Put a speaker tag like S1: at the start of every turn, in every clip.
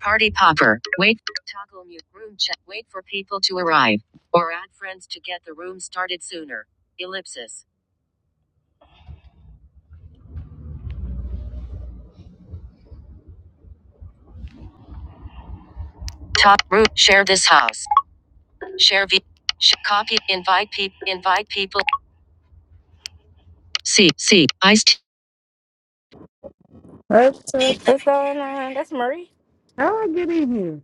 S1: Party popper. Wait. Toggle mute. Room chat. Wait for people to arrive. Or add friends to get the room started sooner. Ellipsis. Top room. Share this house. Share v. Sh- copy. Invite people. Invite people. See. See. Iced.
S2: That's that's
S1: What's going on? That's Marie.
S2: how I get in here.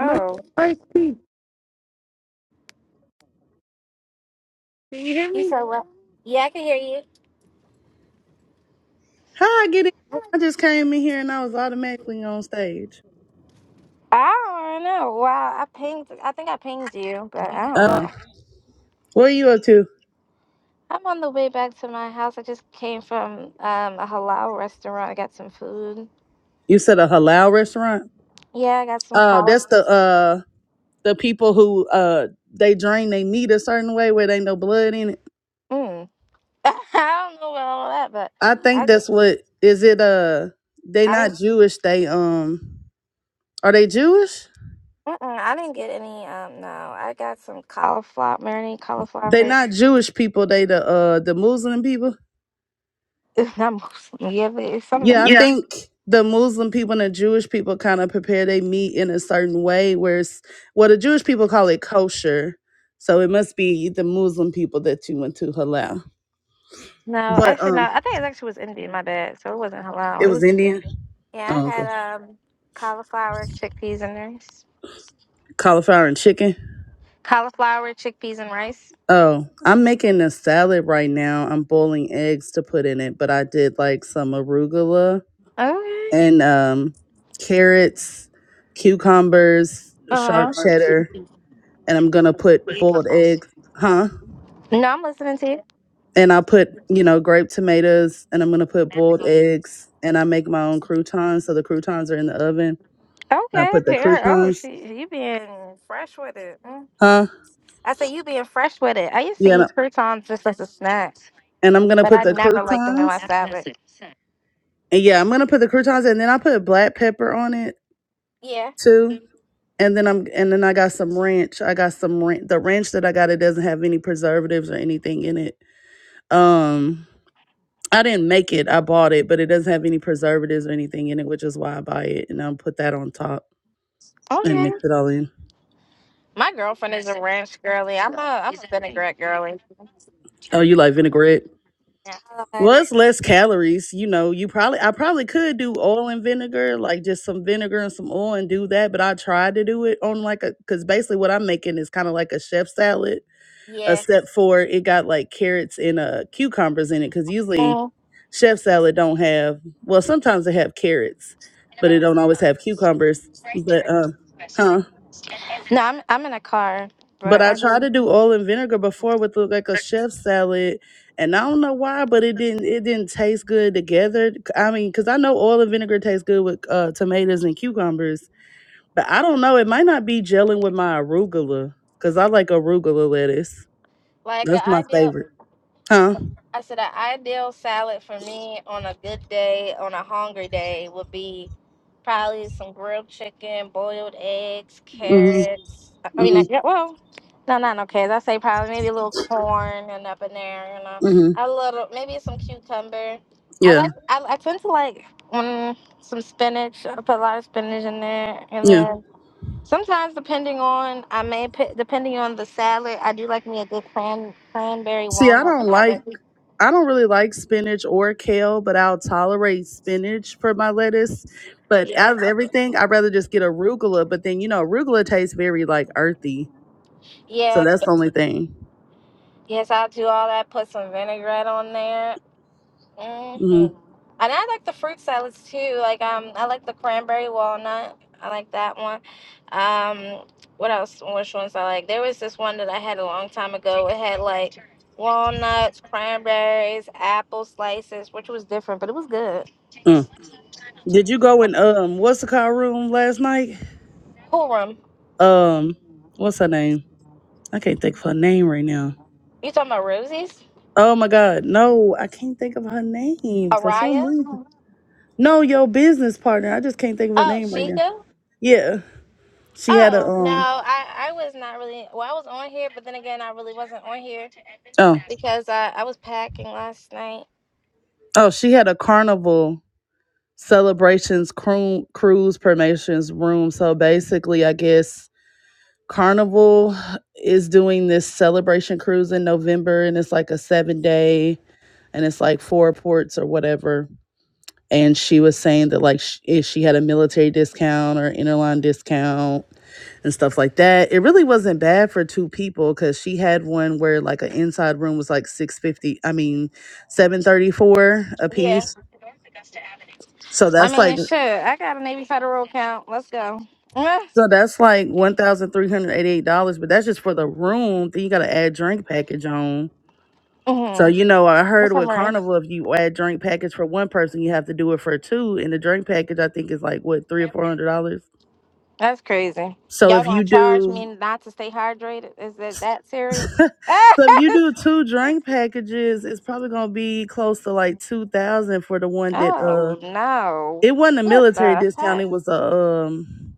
S2: No, I see. Can you hear
S1: you
S2: me?
S1: said what? Yeah, I can hear you.
S2: How I get in? I just came in here and I was automatically on stage.
S1: I don't know. Wow, I pinged. I think I pinged you, but I don't
S2: Uh,
S1: know.
S2: what are you up to?
S1: I'm on the way back to my house. I just came from um, a halal restaurant. I got some food.
S2: You said a halal restaurant?
S1: Yeah, I got some
S2: Oh,
S1: collard.
S2: that's the uh the people who uh they drain they meat a certain way where they no blood in it.
S1: Mm. I don't know about all that, but
S2: I think
S1: I just
S2: that's what is it uh they
S1: I
S2: not
S1: didn't
S2: Jewish, they um are they Jewish?
S1: mm-mm, I didn't get any. Um, no, I got some cauliflower marinated
S2: They
S1: cauliflower.
S2: not Jewish people, they the uh the Muslim people.
S1: It's not Muslim. Yeah, but it's some of them.
S2: Yeah, I
S1: Yeah.
S2: think the Muslim people and the Jewish people kind of prepare their meat in a certain way, where it's well, the Jewish people call it kosher, so it must be the Muslim people that you went to halal.
S1: No,
S2: But
S1: actually, no.
S2: um,
S1: I think it actually was Indian. My bad. So it wasn't
S2: it
S1: halal. It
S2: was
S1: was Indian.
S2: Indian.
S1: Yeah, I
S2: Oh, okay.
S1: had um cauliflower, chickpeas, and rice.
S2: Cauliflower and chicken.
S1: Cauliflower, chickpeas, and rice.
S2: Oh, I'm making a salad right now. I'm boiling eggs to put in it, but I did like some arugula
S1: Okay.
S2: and um carrots, cucumbers, sharp
S1: Uh.
S2: cheddar, and I'm gonna put boiled eggs. Huh?
S1: No, I'm listening to
S2: and I put, you know, grape tomatoes and I'm gonna put boiled
S1: you.
S2: eggs and I make my own croutons. So the croutons are in the oven. I
S1: Okay,
S2: put the
S1: there. Oh,
S2: croutons,
S1: she you being fresh with it. Mm.
S2: huh?
S1: I say you being fresh with it. I used to
S2: Yeah, and I-
S1: eat croutons just as a snack,
S2: and I'm gonna
S1: but
S2: put
S1: I
S2: the
S1: never liked them in my
S2: croutons.
S1: salad.
S2: And yeah, I'm gonna put the croutons and then I put black pepper on it
S1: Yeah.
S2: too. And then I'm and then I got some ranch. I got some ranch. The ranch that I got it doesn't have any preservatives or anything in it. Um, I didn't make it. I bought it, but it doesn't have any preservatives or anything in it, which is why I buy it. And I'll put that on top and
S1: Okay.
S2: mix it all in.
S1: My girlfriend is a ranch girly. I'm a I'm a vinaigrette girly.
S2: Oh, you like vinaigrette?
S1: I
S2: Well,
S1: love-
S2: it's less calories. You know, you probably I probably could do oil and vinegar, like just some vinegar and some oil and do that. But I tried to do it on like a because basically what I'm making is kind of like a chef salad,
S1: Yeah.
S2: except for it got like carrots and uh cucumbers in it. Because usually
S1: Mm.
S2: chef salad don't have well sometimes they have carrots, but it don't always have cucumbers. But um, huh?
S1: No, I'm I'm in a car,
S2: But
S1: but
S2: I
S1: I
S2: tried
S1: do.
S2: to do oil and vinegar before with look like a chef salad, and I don't know why, but it didn't it didn't taste good together. C- I mean, because I know oil and vinegar tastes good with uh, tomatoes and cucumbers, but I don't know. It might not be gelling with my arugula because I like arugula lettuce.
S1: Like an
S2: That's my
S1: ideal.
S2: favorite. Huh?
S1: I said the ideal salad for me on a good day, on a hungry day, would be probably some grilled chicken, boiled eggs,
S2: Mm-hmm.
S1: carrots. I I mean, like,
S2: Mm-hmm.
S1: yeah, well, no, not no carrots. I say probably maybe a little corn and up in there, you know,
S2: Mm-hmm.
S1: a little maybe some cucumber. I
S2: Yeah.
S1: like. I, I tend to like mm, some spinach. I put a lot of spinach in there, and
S2: Yeah.
S1: then sometimes depending on I may put depending on the salad, I do like me a good cran, cranberry
S2: See, I
S1: walnut
S2: don't like
S1: salad.
S2: I don't really like spinach or kale, but I'll tolerate spinach for my lettuce. But
S1: Yeah.
S2: out of everything, I'd rather just get arugula. But then, you know, arugula tastes very like earthy. So
S1: Yeah.
S2: that's the only thing.
S1: Yes, i do all that. Put some vinaigrette on there. hmm
S2: Mhm.
S1: And I like the fruit salads too. Like um, I like the cranberry walnut. I like that one. Um, what else? Which ones I like? There was this one that I had a long time ago. It had like walnuts, cranberries, apple slices, which was different, but it was good.
S2: Mm. Did you go in, um, what's the car room last night?
S1: Cool room.
S2: Um, what's her name? I can't think of her name right now.
S1: You talking about Rosie's?
S2: Oh my God. No, I can't think of her name for some
S1: Araya?
S2: reason. No, your business partner. I just can't think of her
S1: Oh,
S2: name right now.
S1: Sheikah?
S2: Yeah. She had a,
S1: Oh no,
S2: um,
S1: I I was not really. Well, I was on here, but then again, I really wasn't on here
S2: oh,
S1: because I I was packing last night.
S2: Oh, she had a carnival celebrations cru- cruise promotions room so basically i guess carnival is doing this celebration cruise in november and it's like a seven day and it's like four ports or whatever and she was saying that like sh- if she had a military discount or interline discount and stuff like that it really wasn't bad for two people because she had one where like an inside room was like 650 i mean 734 a
S1: Yeah,
S2: piece so
S1: I
S2: that's
S1: mean,
S2: like
S1: sure, I got a Navy Federal account. Let's go.
S2: So that's like one thousand three hundred eighty-eight dollars, but that's just for the room. Then you gotta add drink package on. So
S1: Mm-hmm.
S2: you know, I heard
S1: What's up,
S2: with
S1: Marie?
S2: Carnival, if you add drink package for one person, you have to do it for two, and the drink package I think is like what three or four hundred dollars.
S1: That's crazy.
S2: So
S1: Y'all
S2: if
S1: gonna
S2: you
S1: charge me
S2: do,
S1: not to stay hydrated? Is it that serious?
S2: so if you do two drink packages, it's probably gonna be close to like two thousand for the one that uh,
S1: oh no!
S2: it wasn't a
S1: What
S2: military
S1: the
S2: discount,
S1: heck?
S2: it was a um.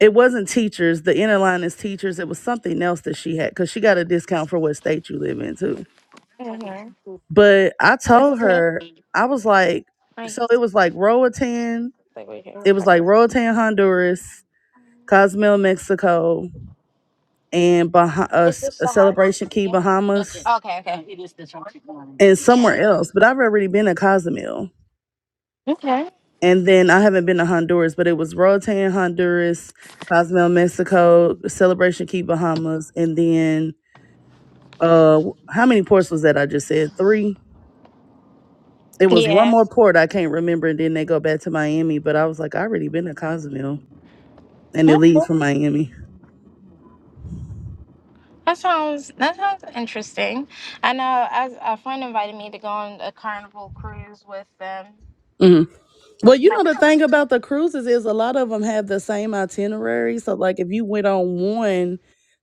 S2: it wasn't teachers. The inner line is teachers. It was something else that she had because she got a discount for what state you live in too.
S1: hmm
S2: But I
S1: Is
S2: told
S1: this me?
S2: her I was like,
S1: Right.
S2: so it was like Roatan.
S1: Wait, wait,
S2: It was
S1: here.
S2: like Roatan, Honduras, Cozumel, Mexico, and bah- uh,
S1: Is
S2: S-
S1: this
S2: uh,
S1: the house?
S2: Celebration Key,
S1: Yeah. Okay,
S2: Bahamas,
S1: okay.
S2: and somewhere else. But I've already been to Cozumel,
S1: Okay.
S2: and then I haven't been to Honduras. But it was Roatan, Honduras, Cozumel, Mexico, Celebration Key, Bahamas, and then uh how many ports was that I just said? Three. It was one
S1: Yeah.
S2: more port I can't remember, and then they go back to Miami. But I was like, I already been to Cozumel, and it leaves
S1: Okay.
S2: from Miami.
S1: That sounds that sounds interesting. I know as a friend invited me to go on a carnival cruise with them.
S2: hmm Well,
S1: This
S2: you know the thing about the cruises is a lot of them have the same itinerary. So like if you went on one,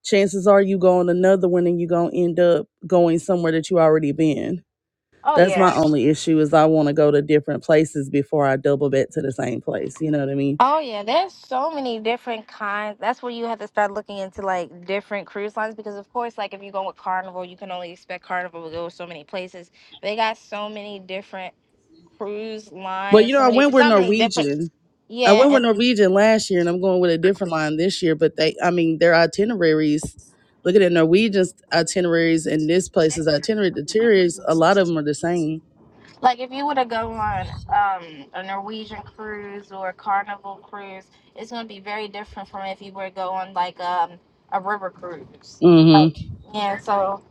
S2: chances are you go on another one, and you gonna end up going somewhere that you already been.
S1: oh
S2: That's my
S1: yeah.
S2: only issue is I want to go to different places before I double back to the same place. You know what I mean?
S1: Oh yeah, there's so many different kinds. That's where you have to start looking into like different cruise lines because of course like if you go with Carnival, you can only expect Carnival to go so many places. They got so many different cruise
S2: But you
S1: lines,
S2: know
S1: so
S2: I
S1: many
S2: went with
S1: so many different
S2: Norwegian, I
S1: yeah, and
S2: went with Norwegian last year, and I'm going with a different line this year. But they, I mean, their itineraries. Looking at Norwegian's itineraries and this place's itinerary, the itineraries, a lot of them are the same.
S1: Like if you were to go on um, a Norwegian cruise or a Carnival cruise, it's going to be very different from if you were to go on like um, a river cruise.
S2: hmm
S1: Oh, yeah, so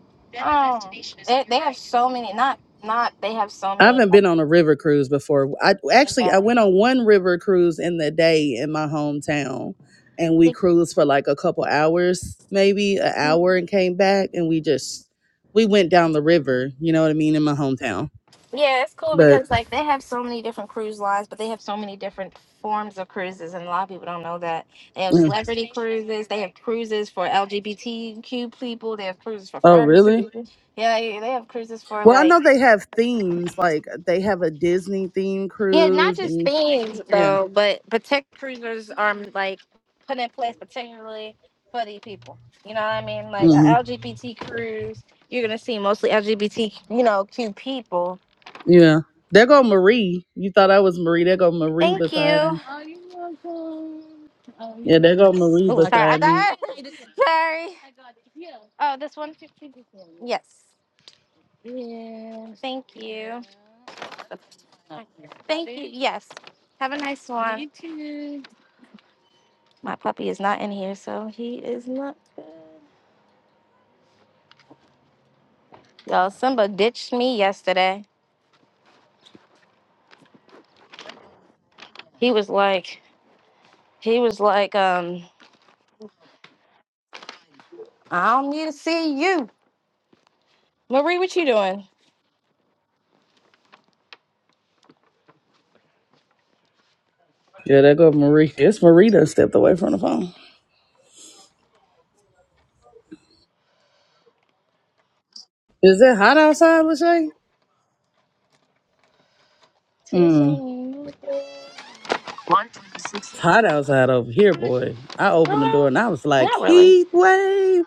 S1: um, they, they have so many. Not not they have so
S2: I
S1: many.
S2: haven't been on a river cruise before. I actually I
S1: um,
S2: went on one river cruise in the day in my hometown, and we cruised for like a couple hours, maybe an
S1: Yeah.
S2: hour, and came back, and we just we went down the river. You know what I mean in my hometown.
S1: Yeah, it's cool
S2: But
S1: because like they have so many different cruise lines, but they have so many different forms of cruises, and a lot of people don't know that they have
S2: yeah.
S1: celebrity cruises, they have cruises for LGBTQ people, they have cruises for
S2: oh,
S1: furry
S2: really?
S1: people. Yeah, yeah, they have cruises for
S2: Well, I
S1: like
S2: know they have themes, like they have a Disney theme
S1: yeah, not
S2: cruise,
S1: just
S2: and
S1: themes
S2: yeah,
S1: though, but protect cruisers are like put in place particularly for these people. You know what I mean? Like a
S2: hmm
S1: L G B T cruise, you're gonna see mostly LGBT, you know, Q people
S2: yeah. There go Marie. You thought I was Marie. There go Marie
S1: Thank you.
S2: beside me.
S1: Are you welcome? Are you?
S2: Yeah, there go Marie
S1: Oh, Okay. sorry. I
S2: beside me.
S1: got it. Sorry. Oh, this one. fifty. Yes. Yes. Thank you. Yeah. Thank you. Yes. Have a nice one. You too. My puppy is not in here, so he is not good. Y'all, Simba ditched me yesterday. He was like, he was like, um, I don't need to see you. Marie, what you doing?
S2: Yeah, there go Marie. It's Marie that stepped away from the phone. Is it hot outside, Lachey?
S1: Tis
S2: Mm.
S1: on
S2: It's
S1: you.
S2: hot outside over here, boy. I opened the
S1: No,
S2: door and I was like,
S1: not really.
S2: heat wave.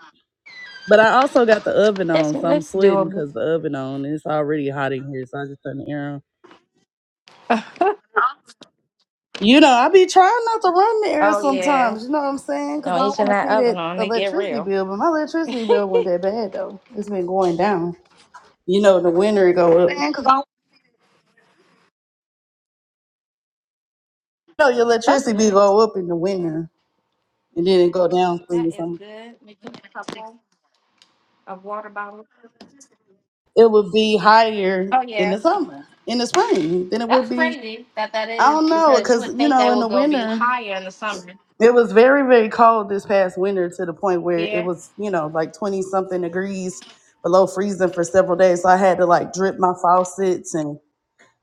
S2: But I also got the oven
S1: It's
S2: on, so I'm
S1: it's
S2: sweating
S1: doable.
S2: because the oven on and it's already hot in here. So I just turned the air on. You know, I be trying not to run the air
S1: Oh yeah.
S2: sometimes. You know what I'm saying? Because
S1: Don't
S2: I don't
S1: each and
S2: want to
S1: that
S2: see
S1: oven
S2: that
S1: on. They get
S2: electricity
S1: real.
S2: bill. But my electricity bill wasn't that bad though. It's been going down. You know, in the winter it go up. You know, your
S1: That's
S2: electricity bill
S1: good.
S2: go up in the winter, and then it go down soon
S1: That
S2: or
S1: is
S2: something.
S1: good. Me put a couple of water bottles.
S2: It would be higher
S1: Oh
S2: in
S1: yeah.
S2: the summer, in the spring, than it
S1: That's
S2: would be.
S1: crazy that that
S2: I
S1: is
S2: don't know,
S1: because you
S2: because
S1: would
S2: you
S1: think
S2: know,
S1: they
S2: in the
S1: would go be
S2: winter.
S1: higher in the summer.
S2: It was very, very cold this past winter to the point where it
S1: Yeah.
S2: was, you know, like 20 something degrees below freezing for several days. So I had to like drip my faucets and,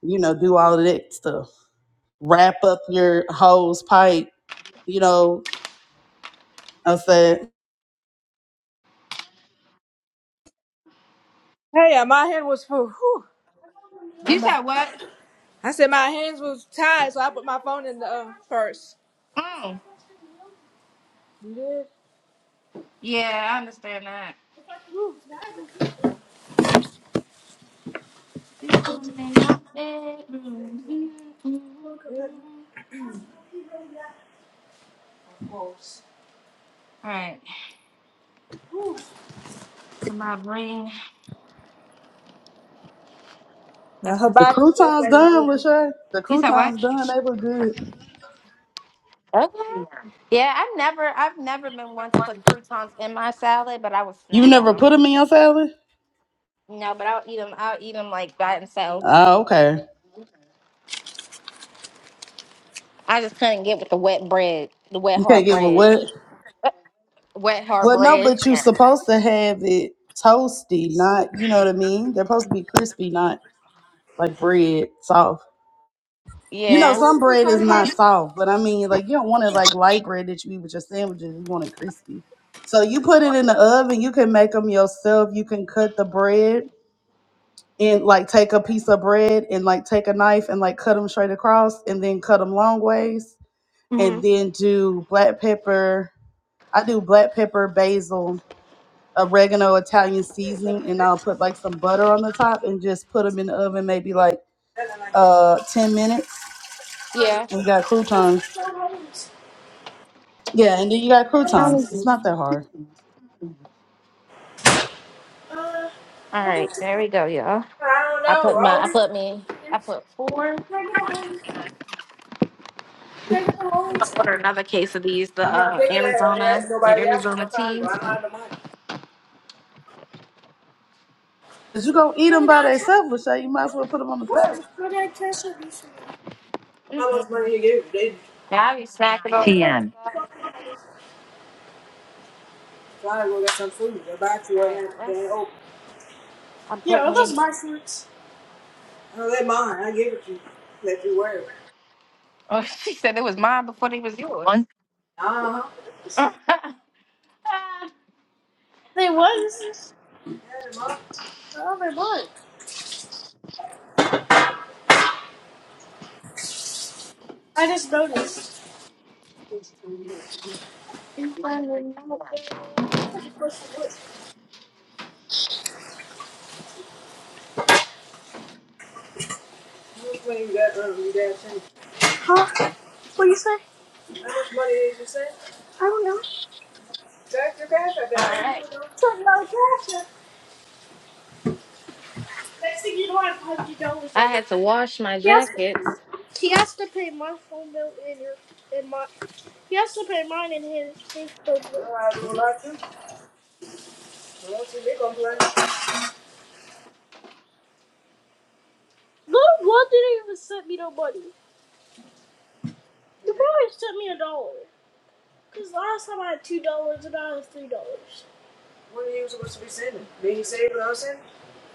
S2: you know, do all of that stuff. Wrap up your hose pipe, you know. I said,
S3: Hey, uh, my hand was full. Whew.
S1: You said what?
S3: I said my hands was tied, so I put my phone in the uh, purse.
S1: Mm.
S3: Live
S1: Yeah, I understand that.
S3: good hopes.
S1: All right. I'm gonna bring.
S3: Now
S1: That's
S2: the
S3: Hibachi place
S2: croutons
S3: wasn't
S2: done,
S3: open.
S2: Lachey. The
S1: you said
S2: croutons
S1: what?
S2: done. They look good.
S1: Okay. Yeah, I've never, I've never been one to put croutons in my salad, but I would
S2: You
S1: snack on
S2: never put
S1: them.
S2: them in your salad?
S1: No, but I'll eat them. I'll eat them like by themselves.
S2: Oh, okay.
S1: I just couldn't get with the wet bread, the wet
S2: You can't
S1: hard
S2: get with
S1: bread,
S2: what?
S1: wet hard
S2: Well, no,
S1: bread.
S2: but you
S1: Yeah.
S2: supposed to have it toasty, not, you know what I mean? They're supposed to be crispy, not like bread soft. You know,
S1: Yeah.
S2: some bread is not soft, but I mean, like you don't want it like light bread that you eat with your sandwiches. You want it crispy. So you put it in the oven. You can make them yourself. You can cut the bread and like take a piece of bread and like take a knife and like cut them straight across and then cut them long ways
S1: Mhm.
S2: and then do black pepper. I do black pepper, basil, oregano, Italian seasoning, and I'll put like some butter on the top and just put them in the oven maybe like uh 10 minutes
S3: I
S1: Yeah.
S2: You got croutons. Yeah, and then you got
S1: How
S2: croutons.
S1: is
S2: It's
S1: it?
S2: not that hard.
S1: All right, there we go, y'all.
S3: don't
S1: I
S3: know.
S1: put
S3: Are
S1: my, I
S3: we?
S1: put me, I put four. I'm gonna order another case of these, the
S3: I'm not
S1: uh,
S3: thinking that uh,
S1: Arizona,
S3: there-
S1: the
S3: nobody asked for my
S1: Arizona
S3: condo.
S1: teas.
S3: I'm out of the money.
S2: Cause you gonna eat them
S3: What?
S2: by themselves, Lachey. You might as well put them on the salad.
S3: How much
S1: Mm-mm.
S3: money he gave you? They
S1: Yeah, I be snacking on. TM. All
S3: probably go get some food. Hibachi
S1: right,
S3: wasn't
S1: let's.
S3: open.
S1: I
S3: Yeah,
S1: put
S3: are
S1: me.
S3: those my shorts? No, they're mine. I gave it to you. Let you wear it.
S1: Oh, she said it was mine before they was yours. One.
S3: Uh huh.
S1: All
S3: They was. Yeah, they're mine. Oh, they're mine. I just noticed. I thought the question was. Which one You got none of your dad's thing. Huh? What do you say? How much money did you say? I don't know. Track your cash. I bet I don't even
S1: right.
S3: know. Talking about cash. up. Next thing you know, I have one hundred dollars
S1: I
S3: on it.
S1: had to wash my
S3: He has to.
S1: jackets.
S3: He has to pay my phone bill and your and my. He has to pay mine and his his phone bill. All right, Well, I do a lot too. Well, see me play? Little one didn't even send me no money. You probably sent me a dollar. Cause last time I had two dollars and now I have three dollars. When are you supposed to be sending? Did he say what I was saying?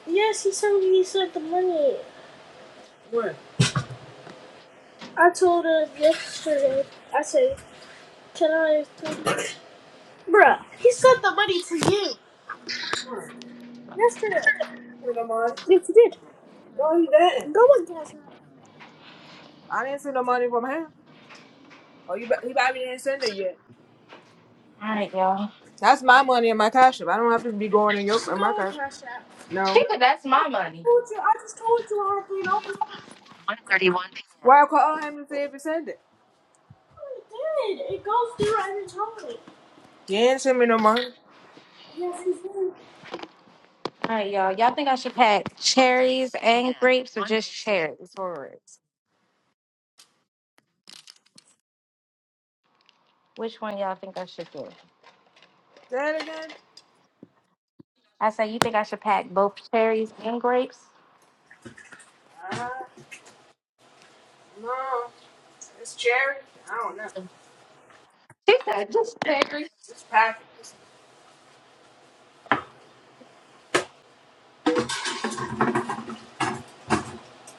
S3: Yes, he said he sent the money. When? I told him yesterday. I said, "Can I?" have thirty? Bruh, he sent the money to you When? yesterday. Send me no money. Yes, he did. No, he didn't. Go on, Cassie. I didn't send no money from him. Oh, you, he probably didn't send it yet.
S1: All right, y'all.
S3: That's my money in my cash app. I don't have to be going in your in my cash. app. No. I told
S1: She could. That's my money.
S3: you. I just told you I had three dollars.
S1: One thirty-one.
S3: Why I call him and say if he sent it? Oh, He did. It goes through every time. He didn't send me no money. Yes, he did.
S1: All right, y'all. Y'all think I should pack cherries and grapes or just cherries for it? Which one y'all think I should do?
S3: Say it again.
S1: I say you think I should pack both cherries and grapes.
S3: Uh, no. It's charity. I don't know.
S1: Cherries.
S3: It's package.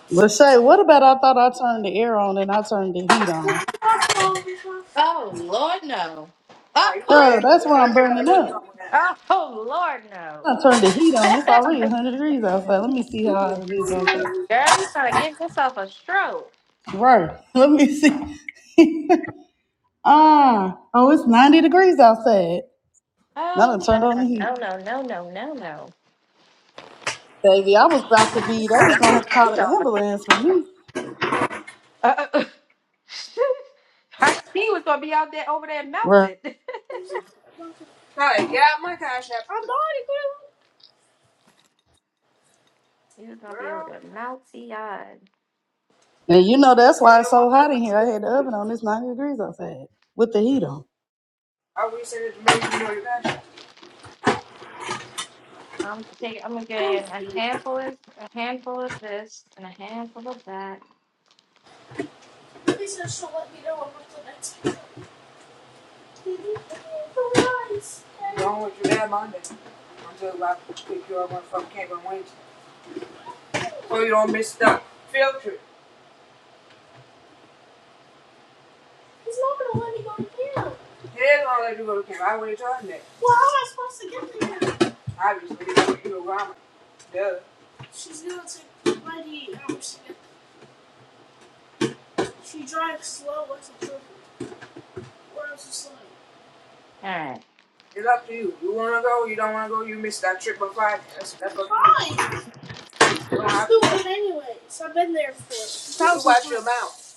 S2: Lachey, what about I thought I turned the air on and I turned the heat on?
S1: Oh Lord, no. Oh,
S3: Nah, you
S2: Girl,
S3: waited.
S2: that's
S3: You
S2: why
S3: waited
S2: I'm
S3: for that
S2: burning
S3: video
S2: up.
S3: on that.
S1: oh Lord, no.
S2: I turned the heat on. It's already 100 degrees outside. Let me see how hot it is outside.
S1: Girl, you trying to give yourself a stroke.
S2: Right. Let me see. ah, oh, it's 90 degrees outside. Now I
S1: Oh
S2: done turned
S1: no
S2: on
S1: no
S2: the heat.
S1: no no no no no. no.
S2: Baby, I was about to be, they was gonna have to
S1: You
S2: call the
S1: don't.
S2: ambulance for me.
S1: Uh, uh, Hike Ski was gonna be out there over there
S2: Right.
S1: melted.
S3: Sorry, yeah, my cash app. I'm sorry, girl.
S1: he was gonna be able
S3: Girl,
S1: to melt yard.
S2: And you know
S3: you didn't
S2: that's
S3: send
S2: why it's
S3: you no
S2: so hot in here.
S3: money.
S2: I had the oven on. It's 90 degrees outside with the heat on.
S3: I will send it to me. You know your cash
S1: I'm taking. I'm gonna
S3: app.
S1: get a handful of a handful of this and a handful of that.
S3: Please just don't let me know I'm up to next Please. Wrong with your dad, Monday. I'm talking about to pick you up on from camp on Wednesday. So you don't miss the field trip. He's not gonna let me go to camp. He is gonna let you go to camp. I already told him that. Well, how am I supposed to get there? Obviously, you don't you around. Duh. She's gonna take plenty hours to get there. She drives slow like a jerk. Or else it's like,
S1: All right.
S3: It's up to you. You wanna go, you don't wanna go, you miss that trip by five. That's, that's what fine. Wow. It's the one anyways. I've been there for a You thousand watch times. Watch your mouth.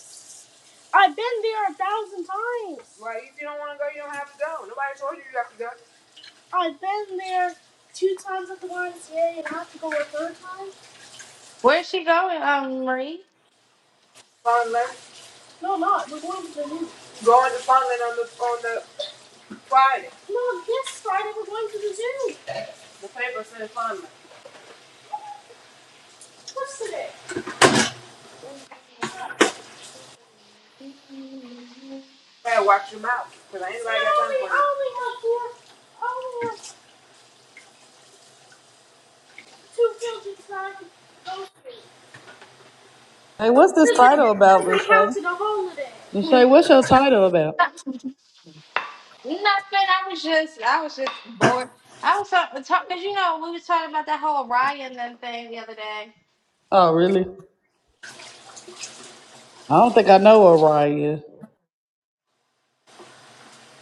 S3: I've been there a thousand times. Right? If you don't want to go, you don't have to go. Nobody told you you have to go. I've been there two times at the YMCA and I have to go a third time.
S1: Where's she going, um, Marie?
S3: Fondland. No, not. We're going to the zoo. Going to Fondland on the on the Friday. No, this Friday we're going to the zoo. The paper said Fondland. What's today? You better watch your mouth, because ain't I got time only, for I you. only have four. I only have two fields inside of those things.
S2: Hey, what's this
S3: Because they, cause
S2: title about, Lachey?
S3: they counted a holiday.
S1: Nothing.
S2: Lachey, what's your title about?
S1: I was just, I was just bored. I was talking because you know we was talking about that whole Ryan then thing the other day.
S2: Oh, really? I don't think I know what Raya. is.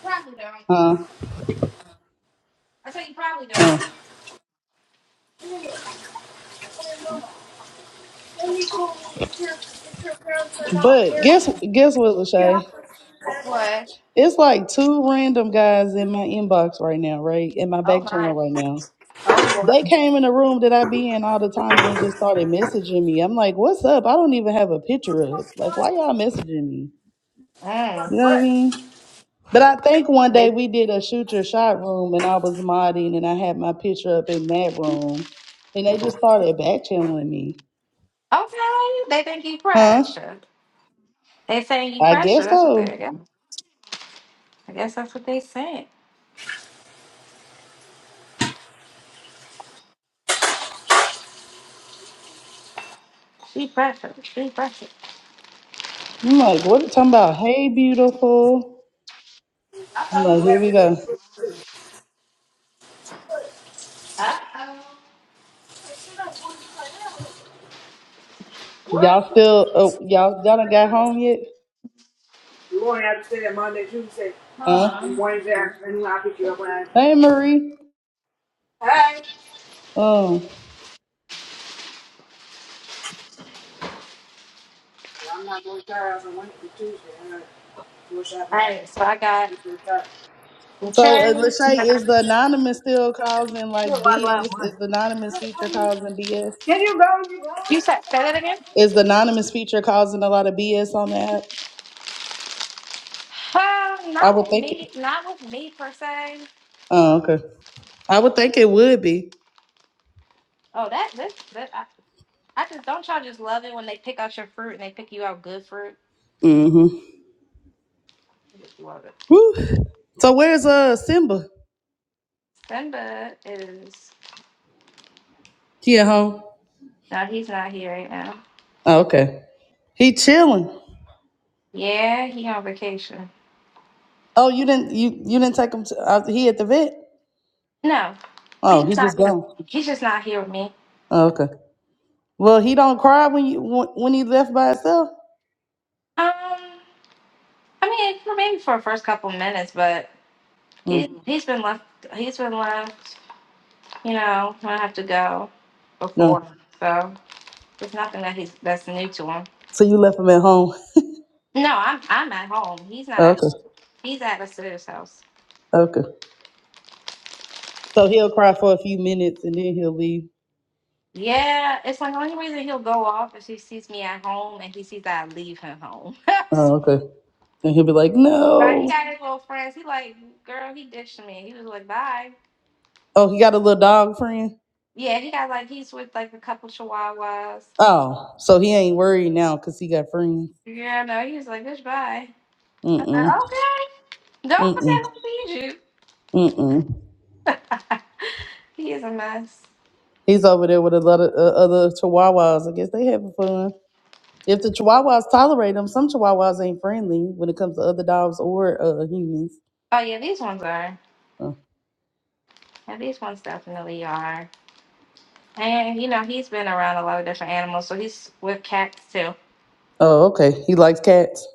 S1: Probably don't.
S2: Huh?
S1: I said you probably don't.
S2: Uh.
S3: And they told me if your, if your parents are not
S2: But
S3: married,
S2: guess guess what,
S3: you
S2: Lachey?
S3: have to see that in.
S1: What?
S2: It's like two random guys in my inbox right now, right? In my
S1: Oh
S2: back channel
S1: my.
S2: right now.
S1: Oh Lord.
S2: They came in the room that I be in all the time and they just started messaging me. I'm like, what's up? I don't even have a picture up. Like, why y'all messaging me?
S1: Mm.
S2: You
S3: Like
S2: know what I
S3: what?
S2: mean? But I think one
S1: They
S2: day we did a shoot your shot room and I was modding and I had my picture up in that room and they just started back channeling me.
S1: okay. They think you
S2: Huh?
S1: pressure. They saying you
S2: I
S1: pressure.
S2: guess
S1: That's what they I
S2: so.
S1: guess. I guess that's what they saying. She pressure. She pressure.
S2: I'm like, what talking about? Hey beautiful.
S1: Uh
S2: I'm like,
S1: oh.
S2: here
S3: Let
S2: we
S3: me know.
S2: go.
S3: They
S1: Uh oh.
S3: said I wanted to find out. What?
S2: Y'all still oh y'all y'all done got home yet?
S3: You won't have to say that Monday, Tuesday,
S2: Huh?
S3: and Wednesday, and I'll pick you up when I...
S2: Hey Marie.
S3: Hey!
S2: Oh.
S3: Yeah, I'm not going to try out on Wednesday, Tuesday. I'm not what's
S1: All
S3: happening.
S1: right. So I got
S2: So uh,
S1: insurance. You
S2: Lachey,
S1: got-
S2: is the anonymous still causing like BS? Is the anonymous feature causing BS?
S3: Can you go? You go?
S1: you said say that again.
S2: Is the anonymous feature causing a lot of BS on the app?
S1: Um, not
S2: I would
S1: with
S2: think it.
S1: me. Not with me per se.
S2: Oh, okay. I would think it would be.
S1: Oh, that this that I, I just don't y'all just love it when they pick out your fruit and they pick you out good fruit.
S2: Mm-hmm.
S1: I just love it.
S2: Woo. So where's uh Simba?
S1: Simba is.
S2: He at home.
S1: No, he's not here right now.
S2: Oh, okay. He chilling.
S1: Yeah, he on vacation.
S2: Oh, you didn't you you didn't take him to uh, he at the vet?
S1: No,
S2: Oh,
S1: he's
S2: he
S1: just not
S2: just
S1: here.
S2: gone.
S1: He's just not here with me.
S2: Oh, okay. Well, he don't cry when you when, when he left by himself.
S1: Um, I mean, for maybe for the first couple minutes, but he
S2: Mm,
S1: he's been left. He's been left. You know, when I have to go before,
S2: no.
S1: so it's nothing that he's that's new to him.
S2: So you left him at home.
S1: No, I'm I'm at home. He's not
S2: Oh,
S1: at.
S2: okay.
S1: He's at a sister's house.
S2: Okay. So he'll cry for a few minutes and then he'll leave.
S1: Yeah, it's like the only reason he'll go off if he sees me at home and he sees that I leave him home.
S2: Oh, okay. And he'll be like,
S1: Right, he
S2: no.
S1: got his little friends. He like, girl, he ditched me. He was like, bye.
S2: Oh, he got a little dog friend.
S1: Yeah, he got like he's with like a couple chihuahuas.
S2: Oh, so he ain't worried now because he got friends.
S1: Yeah, no, he was like, bitch, bye. I'm like,
S2: Mm-mm,
S1: okay. Don't forget
S2: mm-mm,
S1: I feed
S2: mm-mm.
S1: you. he is a mess.
S2: He's over there with a lot of uh, other chihuahuas. I guess they having fun. If the chihuahuas tolerate them, some chihuahuas ain't friendly when it comes to other dogs or uh, humans.
S1: Oh yeah, these ones are.
S2: Oh,
S1: Yeah, these ones definitely are. And you know, he's been around a lot of different animals, so he's with cats too.
S2: Oh, okay. He likes cats.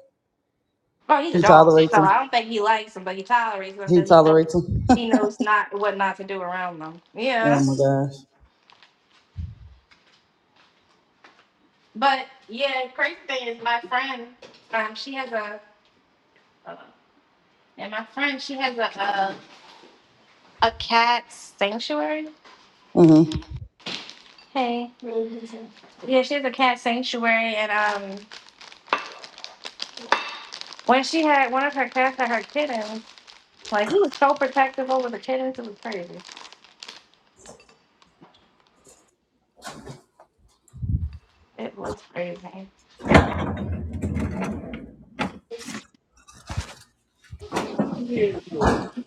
S1: Oh, he's a
S2: He
S1: dog,
S2: tolerates
S1: so
S2: them.
S1: I don't think he likes them, but he tolerates them
S2: He
S1: because he knows
S2: tolerates them.
S1: he knows not what not to do around them. Yeah.
S2: oh my gosh.
S1: But yeah, crazy thing is my friend, um, she has a, uh, and my friend, she has a, a, a cat sanctuary.
S2: Mm-hmm.
S1: Hey. Yeah, she has a cat sanctuary, and um, when she had one of her cats had her kittens, like he was so protective over the kittens, it was crazy. It was crazy.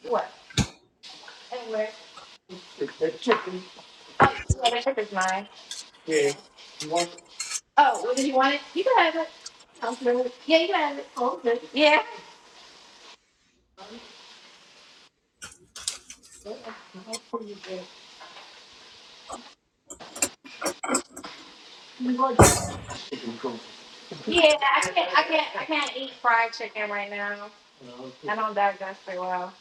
S1: What? Anyway. Oh, yeah, the trip is mine. Oh, well, did you want it? You can have it. I'm good. Yeah, you can have it. Oh, good. Yeah. Yeah, I can't, I can't, I can't eat fried chicken right now. I don't digest it well.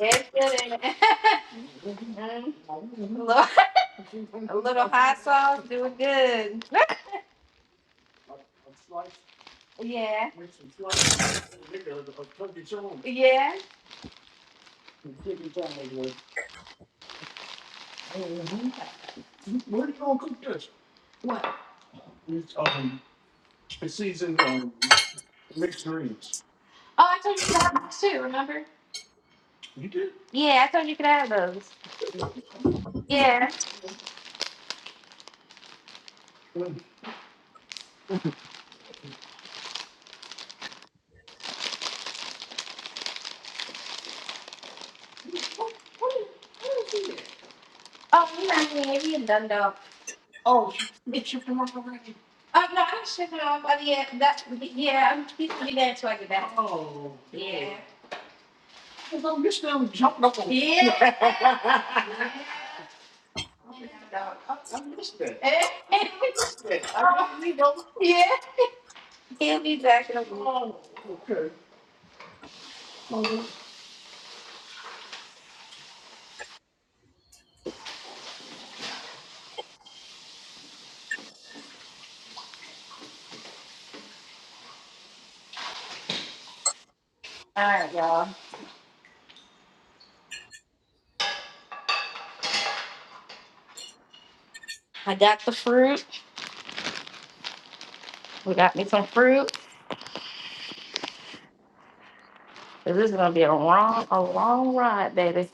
S1: It's good in it. Mm. a, little, a little hot sauce, do it good. Yeah, yeah. What? Oh, I told you you could have those too, remember? You did? Yeah, I told you you could have those. Yeah. When? When, when did you Oh, you are not I mean? You done though. Oh, you, it shipped them off already? Oh, no, I didn't ship them off, but yeah, that, yeah, I'm keeping it there until I get back. Oh. Yeah. Cause I missed them jumping up on. Yeah. Yeah. I, missed that. I I missed that. Eh? I missed that. I really don't. Yeah, he'll be back in a week. Oh, okay. All right, y'all. I got the fruit. We got me some fruit. 'Cause This is gonna be a long, a long ride, baby.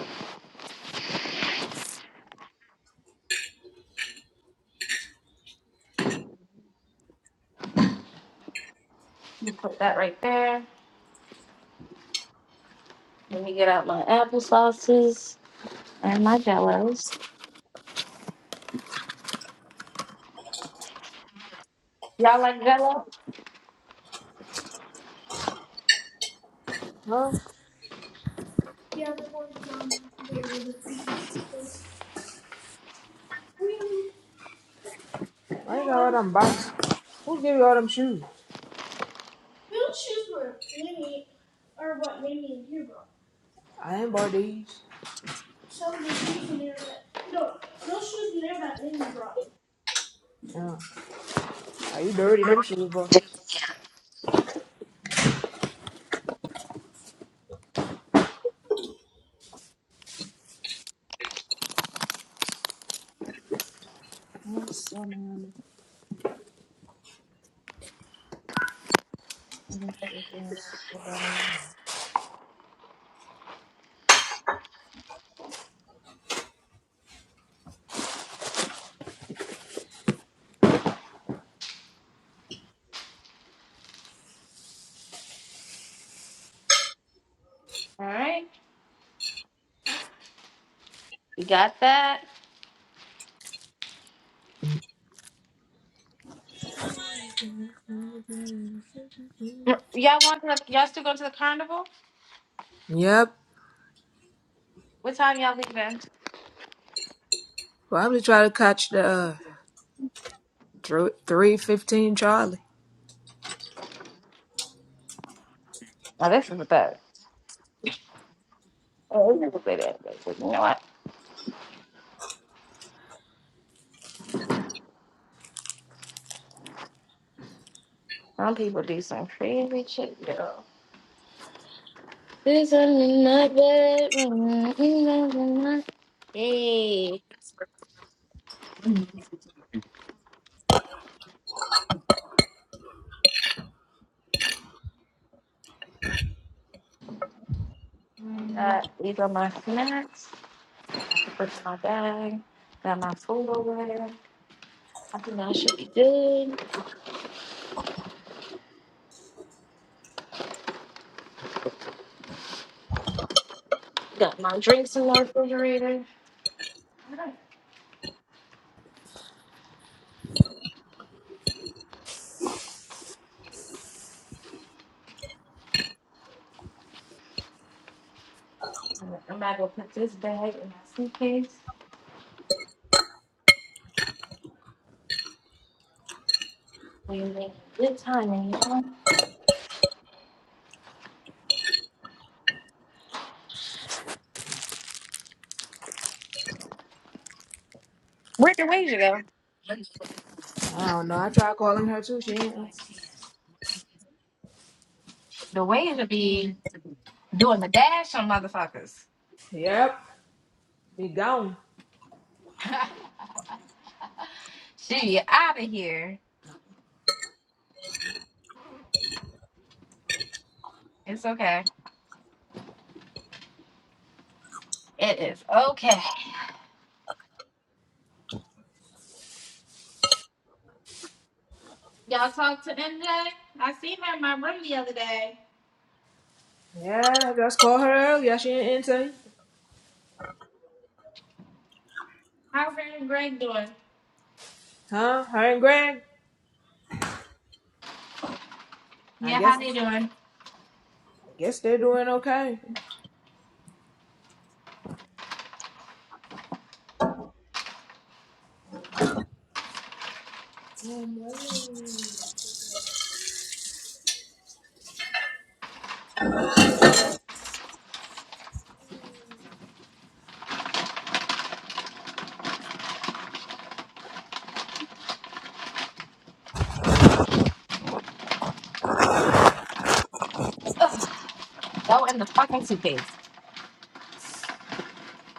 S1: Put that right there. Let me get out my apple sauces. And this- y'all like jello? All
S3: Huh? Yeah, they're going down today with the sushi shop. I got all them boxes. Who gave you all them shoes? Wheelchairs were clearly are what made me a hero. I am Bardies. So did shoes near that no, no shoes in there that Lindy brought me. Yeah. Are you dirty? Them shoes, bro.
S1: right. We got that. Mm, Y'all want to? Y'all still going to the carnival?
S3: Yep.
S1: What time y'all leaving?
S3: Probably try to catch the uh, 315 Charlie.
S1: Oh, this. Got these are my snacks. Put in my bag. Got my food over there. I think I should be good. Refrigerator. I'm gonna I'm gonna go put this bag in my suitcase. Good timing, y'all. Where'd the wager go?
S3: I don't know. I tried calling her too. She ain't.
S1: The way be doing the dash on motherfuckers.
S3: Yep. Be gone.
S1: she out of here. It's okay. It is okay. Y'all talk to MJ. I seen her in my room the other day.
S3: Yeah, I just called her earlier. She ain't answer.
S1: How are her and Greg doing?
S3: Huh? Her and Greg. I
S1: Yeah, how
S3: guess
S1: they doing?
S3: I guess they're doing okay.
S1: Go in the fucking suitcase.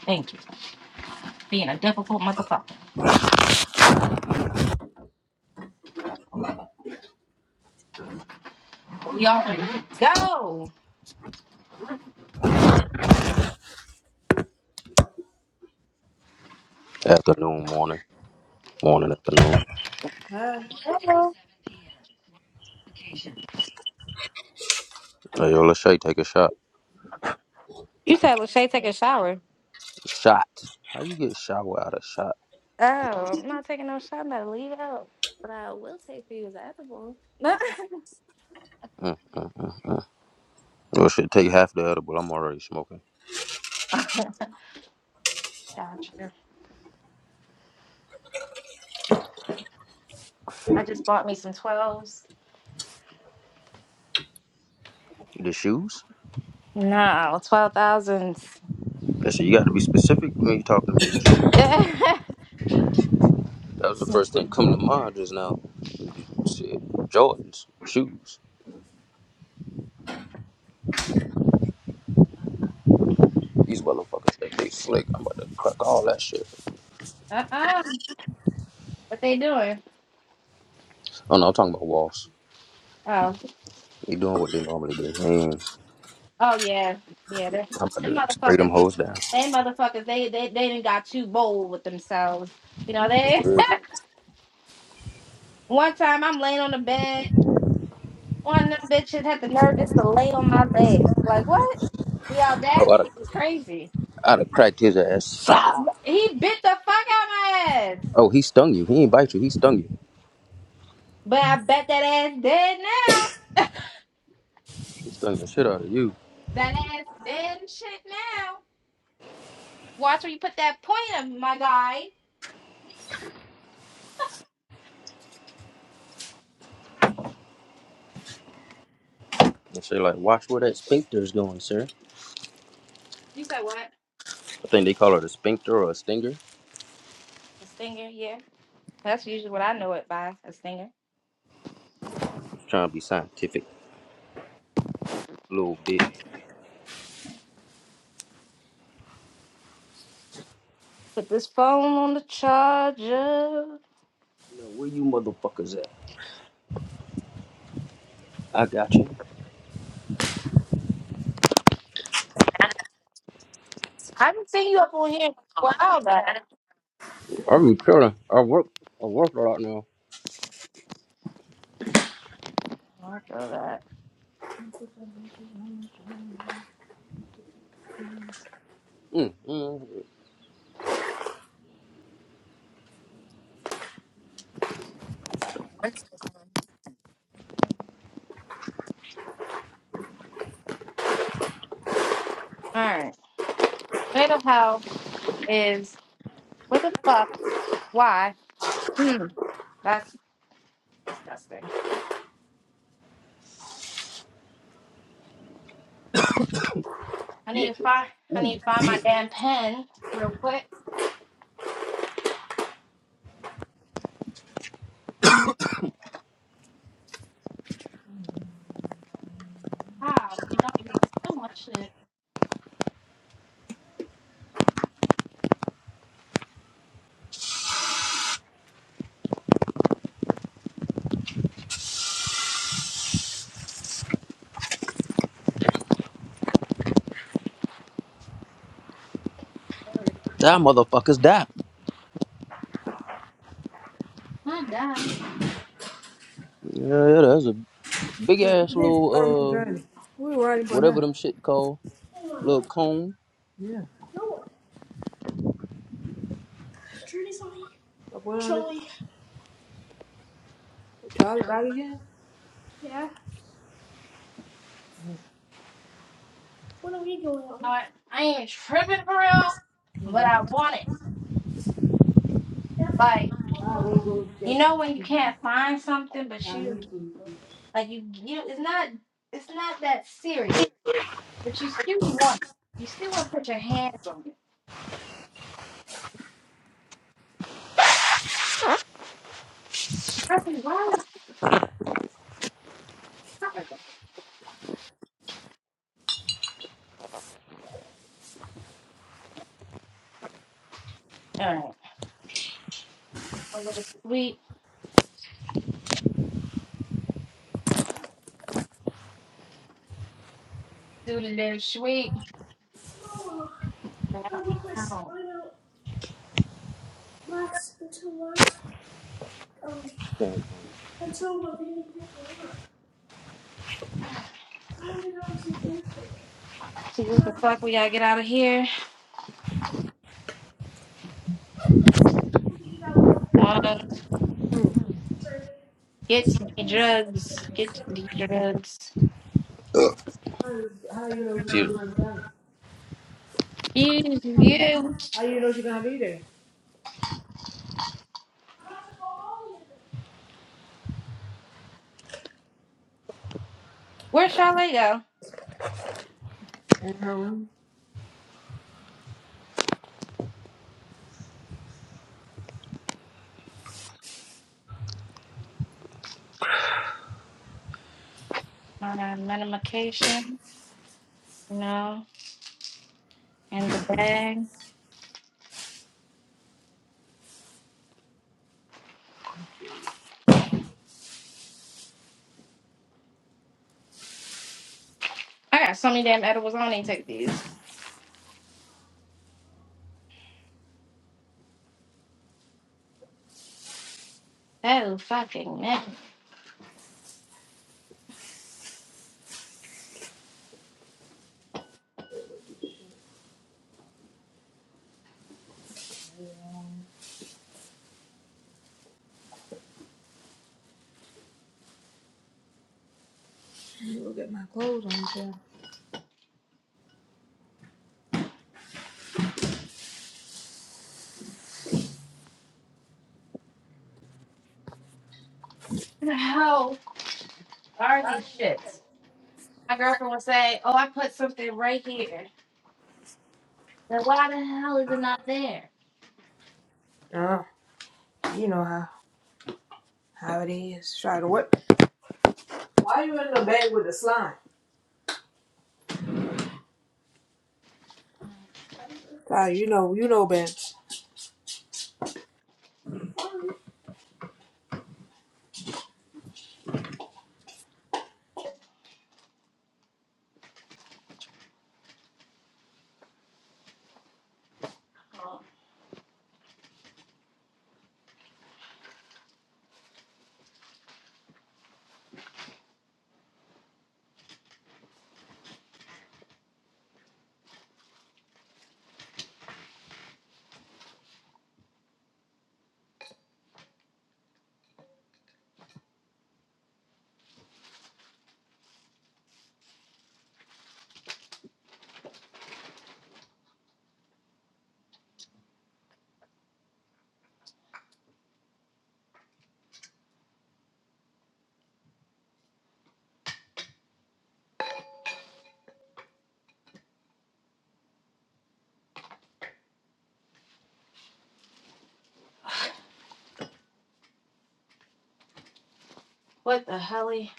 S1: Thank you. We all.
S4: Afternoon, morning, morning, afternoon.
S3: Huh?
S4: Hey, yo, let's say take a shot. Shot. How you get shot without a shot? Mm, mm, mm, mm. Yo, should take half the edible. I'm already smoking.
S1: I just bought me some twelves.
S4: The shoes?
S1: No, twelve thousands.
S4: Listen, you got to be specific when you talking to me, Lachey. That was the first thing come to mind just now. Was you said Jordans, shoes. These motherfuckers, they, they slick. I'm about to crack all that shit.
S1: Uh uh What they doing?
S4: Oh no, I'm talking about walls.
S1: Oh.
S4: They doing what they normally do. They ain't-
S1: Oh yeah, yeah. Them
S4: I'm about
S1: them
S4: to spray them
S1: motherfuckers,
S4: hoes down.
S1: they motherfuckers, they they they didn't got too bold with themselves. You know they.
S4: Oh,
S1: One time I'm laying on the bed, one of them bitches had the nerve just to lay on my leg. Like what? The
S4: I'd have,
S1: audacity was crazy.
S4: I'd have cracked his ass.
S1: He bit the fuck out my ass.
S4: Oh, he stung you. He ain't bite you. He stung you.
S1: But I bet that ass dead now.
S4: He stung the shit out of you.
S1: That ass dead and shit now. Watch where you put that pointer, my guy.
S4: And say like, watch where that sphincter is going, sir.
S1: You said what?
S4: I think they call it a sphincter or a stinger.
S1: A stinger, yeah. That's usually what I know it by, a stinger.
S4: Just trying to be scientific a little bit.
S1: Put this phone on the charger.
S4: You know, where you motherfuckers at? I got you.
S1: I haven't seen you up on here in a while, that.
S4: I'm chilling. I work. I work a lot now.
S1: I know that.
S4: Mm, mm,
S1: All right. Theta is? what the fuck? Why? Hmm. That's disgusting. I
S4: yeah,
S1: need to find. I need to find my
S4: yeah.
S1: damn pen real quick. Wow, you got me so much shit.
S4: Die motherfuckers die.
S1: Not done.
S4: Yeah, yeah. That's a big
S3: Like,
S4: ass
S3: we did, um,
S4: little uh,
S3: Johnny. We were riding by
S4: whatever
S3: now.
S4: them shit called, little cone.
S3: Yeah. No, Journey's on. here. Like, what on it? Charlie. it? Charlie back again? Yeah. What are we going on?
S1: No, I, I ain't even tripping for real, but
S3: Okay.
S1: I want it.
S3: Yeah.
S1: Like
S3: I will go
S1: you
S3: get
S1: know when you can't find something, but you
S3: Chinese food.
S1: like you you. It's not. It's not that serious. But you still want it. You still want to put your hands on it. I said, why is that? All right. A little sweet. Do the little sweet.
S3: No,
S1: Now,
S3: I left my
S1: now.
S3: slime out last until last um until my baby picked me up. I didn't know it was his birthday.
S1: See
S3: And
S1: what
S3: I
S1: the
S3: was
S1: fuck we gotta
S3: trying
S1: get out of here.
S3: to eat out with her.
S1: One,
S3: Hmm. Journey because
S1: get the
S3: everything was still
S1: drugs.
S3: fresh and
S1: Get the
S3: stuff.
S1: drugs.
S3: How do you know she's gonna be in the car?
S1: You, you.
S3: How do you know she's gonna be there?
S1: Where shall I go?
S3: In her room.
S1: My a medication. No. In the bag. I got so many damn edibles. I don't even take these. So fucking man.
S3: Go get my clothes on, child.
S1: How are these shits? My girlfriend would say, "Oh, I put something right here." Then why the hell is it not there?
S3: Oh, you know how how it is. Try to what? Why you in the bed with the slime? Ah, you know, you know, Bench.
S1: What the helly?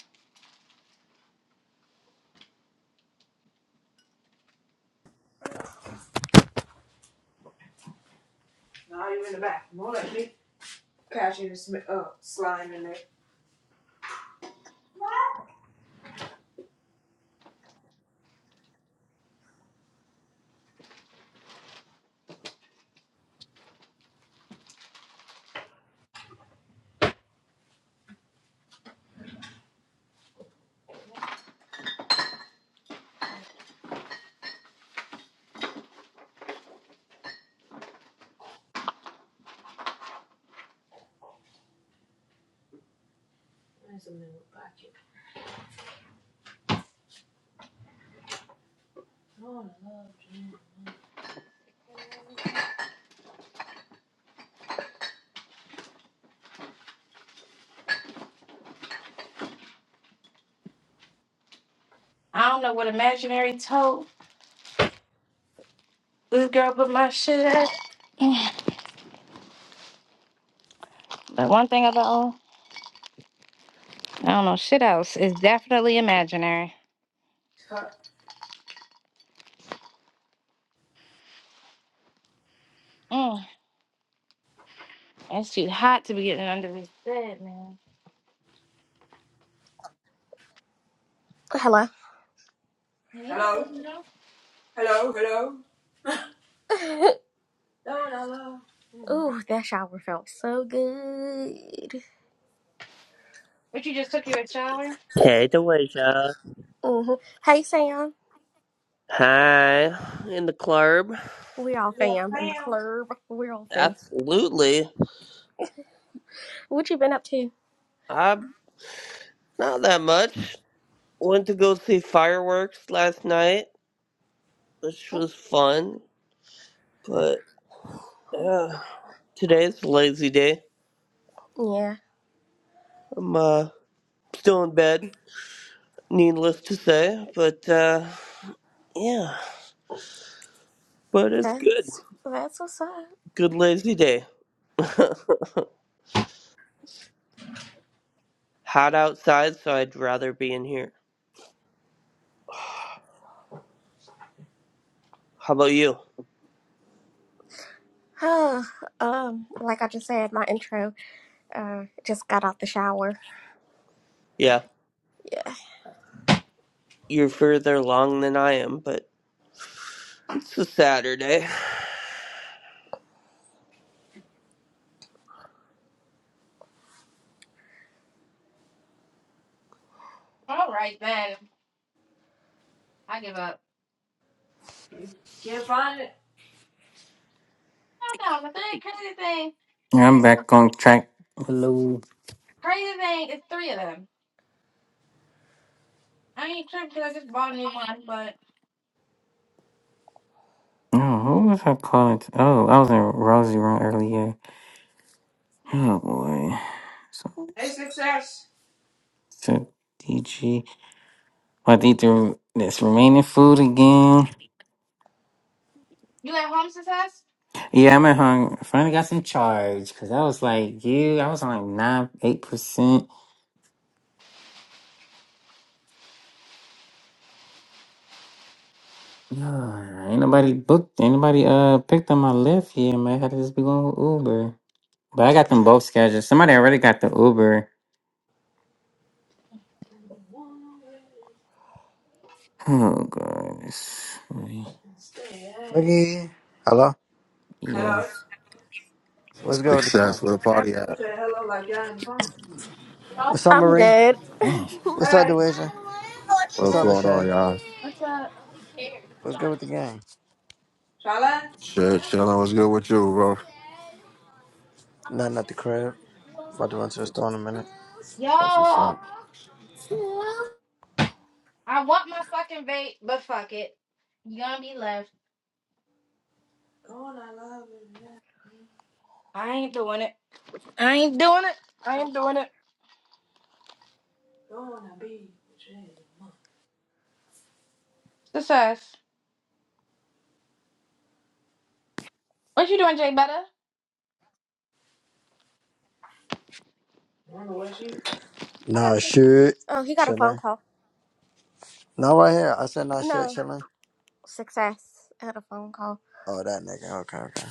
S3: Now you in the back. More like me catching the sm- uh, slime in there. Oh.
S1: I don't know what imaginary tote this girl put my shit at. But one thing about I don't know shit else is definitely imaginary.
S3: Huh.
S1: Mm, it's too hot to be getting under this bed, man.
S5: Hello.
S1: Hey, don't
S3: Hello,
S1: you know?
S3: hello, hello. No, no, no. Mm.
S5: Ooh, that shower felt so good.
S1: But you just took you a shower.
S6: Hey, Deweja.
S5: hmm Hey, Sam.
S6: Hi, in the club.
S5: We all
S3: Yeah,
S5: fam in the
S3: fam.
S5: club. We all fam.
S6: Absolutely.
S5: What you been up to?
S6: I'm not that much. Went to go see fireworks last night, which was fun. But yeah, today's a lazy day.
S5: Yeah,
S6: I'm uh, still in bed, needless to say. But uh, yeah, but it's good.
S5: that's that's what's up.
S6: Good lazy day. Hot outside, so I'd rather be in here. How about you?
S5: Huh. Um, like I just said, my intro. Uh, just got out the shower.
S6: Yeah, you're further along than I am, but. It's a Saturday.
S1: All right then.
S3: Can't find it.
S1: Hey,
S7: Yeah, I'm back on track. Hello.
S1: Crazy thing, it's three of them. I ain't tripping 'cause I just bought a new one. But
S7: No, who was I calling? To? Oh, I was in Rosie room earlier. Oh boy. So,
S3: Hey, success.
S7: so DG. I to eat the, this remaining food again.
S1: you at home, success?
S7: Yeah, I'm at home. Finally got some charge because I was like, yeah, I was on like nine, eight percent. Ugh, Ain't nobody booked. Ain't nobody uh picked on my lift here. Man, I had to just be going with Uber. But I got them both scheduled. Somebody already got the Uber. Oh god.
S8: Fucky. Hello.
S7: Yeah.
S3: Hello.
S8: What's good with the gang?
S9: Success. Where the party
S3: Ashley
S9: at?
S3: said hello like y'all in the phone.
S8: What's up,
S5: I'm
S8: Marie?
S5: dead.
S7: Dang.
S8: What's up,
S3: Hey,
S8: Deweja? What's
S9: What's
S8: up,
S5: Hey.
S9: going on,
S8: Lachey?
S9: y'all?
S1: Uh,
S8: What's good with the gang?
S3: Charlotte?
S9: Shit,
S3: Yeah.
S9: chilling. What's good with you, bro?
S8: Nothing at the crib. About to run to the store in a minute.
S9: That's what's
S1: yo.
S9: up.
S1: I want my fucking vape, but fuck it. You gonna be left.
S3: Don't I love it? Yeah.
S1: I ain't doing it. I
S3: Extra.
S1: ain't doing it. I ain't doing it.
S3: Don't I be with you?
S1: Success. What you doing, Jay Better?
S3: I don't know what she.
S8: Nah, shit.
S5: oh, he got a phone
S8: Chilling.
S5: call.
S8: Not right here. I said nah, shit.
S5: No
S8: Chilling.
S5: success. Had a phone call.
S8: Oh, that nigga. Okay, okay.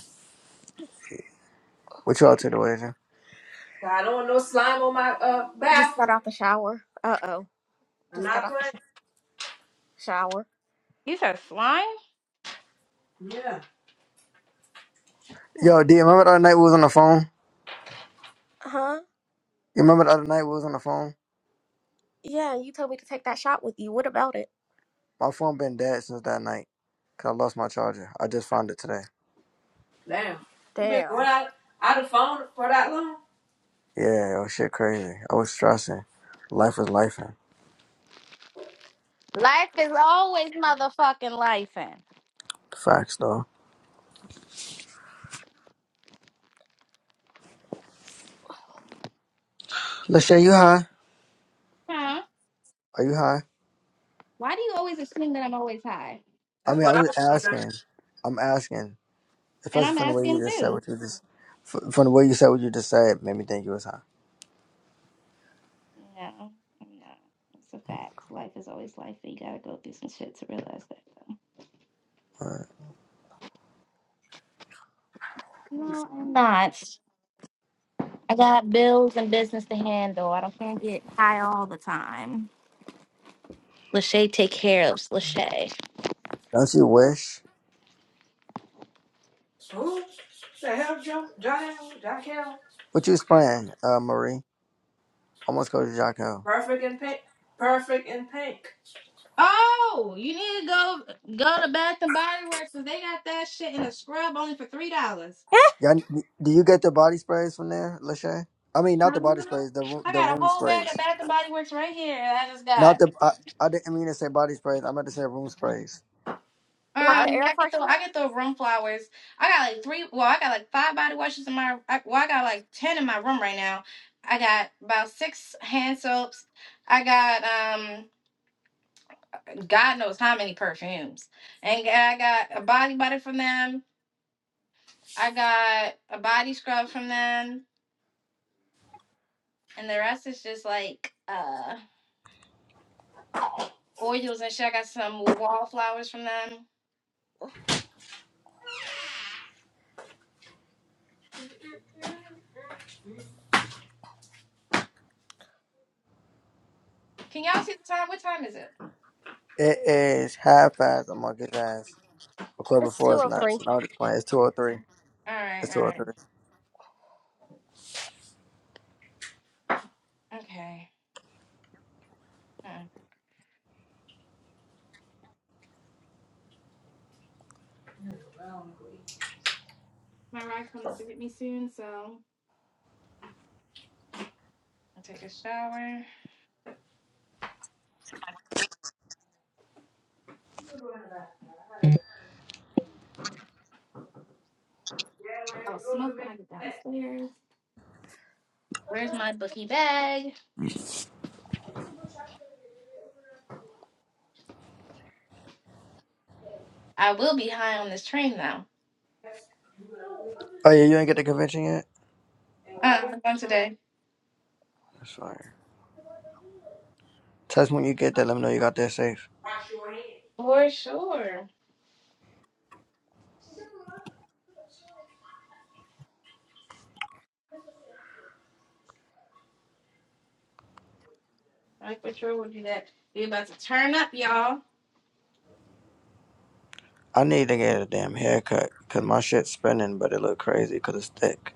S8: What you all to, Deweja?
S3: I don't want no slime on my uh
S5: Just got
S3: bathroom.
S5: out the shower. Uh oh.
S3: I'm
S5: Just got
S3: not
S5: out the sh-
S3: playing.
S5: shower.
S1: You said slime?
S3: Yeah.
S8: Yo, D, remember the other night we was on the phone?
S5: Huh?
S8: You remember the other night we was on the phone?
S5: Yeah, you told me to take that shot with you. What about it?
S8: My phone been dead since that night. Cause I lost my charger. I just found it today.
S3: Damn. You been
S5: Damn.
S3: going out out of phone for that long?
S8: Yeah, it was shit crazy. I was stressing. Life was life.
S1: Life is always motherfucking life.
S8: Facts, though. Lachey, you high?
S1: Huh?
S8: Are you high?
S1: Why do you always assume that I'm always high?
S8: I
S3: That's
S8: mean,
S3: what
S8: I'm
S3: I
S8: just
S3: want to know.
S8: asking. I'm asking,
S1: And
S8: especially
S1: I'm
S8: from the way you
S1: asking
S8: just said
S1: too.
S8: what you just, f- from the way you said what you just said, made me think you was high.
S1: No, I'm not. It's a fact. Life is always life, and you gotta go through some shit to realize that, though.
S8: Alright.
S1: No, I'm not. I got bills and business to handle. I don't can't get high all the time. Lachey take care of Lachey.
S8: Don't you
S5: It was-
S8: wish?
S3: Who? The hell, John? John? John Hill?
S8: What you spraying, uh, Marie? Almost go to Jocko.
S3: Perfect in pink. Perfect in pink.
S1: Oh, you need to go go to Bath and Body Works because they got that shit in a scrub only for three dollars.
S5: eh,
S8: Y'all, do you get the body sprays from there, Lachey? I mean, not
S1: I
S8: the body sprays, the room, the
S1: got a
S8: room
S1: whole bag
S8: sprays.
S1: of Bath and Body Works right here that I just got.
S8: Not the. I, I didn't mean to say body sprays. I meant to say room sprays.
S5: like
S3: I. I
S5: the
S1: Um,
S5: air
S1: yeah, I get the I
S5: freshener?
S1: get the room flowers. I got like three. Well, I got like five body washes in my. I, well, I got like ten in my room right now. I got about six hand soaps. I got um, God knows how many perfumes, and I got a body butter from them. I got a body scrub from them, and the rest is just like uh oils and shit. I got some wallflowers from them. Can y'all see the time? What time is it?
S8: It is half past. I'm gonna get ass. The club
S5: It's
S8: before is nuts.
S5: 203.
S8: No, it's playing. It's two or three.
S1: All right,
S8: It's two
S1: all
S8: or
S1: right,
S8: three.
S1: okay. Huh.
S3: don't know.
S1: My ride comes to get me soon, so I'll take a shower.
S3: Yeah, where you
S1: I'll
S3: go, you
S1: smoke when
S3: make
S1: I get
S3: that.
S1: downstairs. Where's my bookie bag?
S3: And
S1: I will be high on this train though.
S8: Oh yeah, you ain't get the convention yet.
S1: Uh,
S3: why do
S1: on
S3: you
S1: today.
S8: That's fine. Tess, when you get there, let me know you got that safe.
S3: wash your hands?
S1: For sure. I for sure will do that. We about to turn up, y'all.
S8: I need to get a damn haircut because my shit's spinning, but it look crazy because it's thick.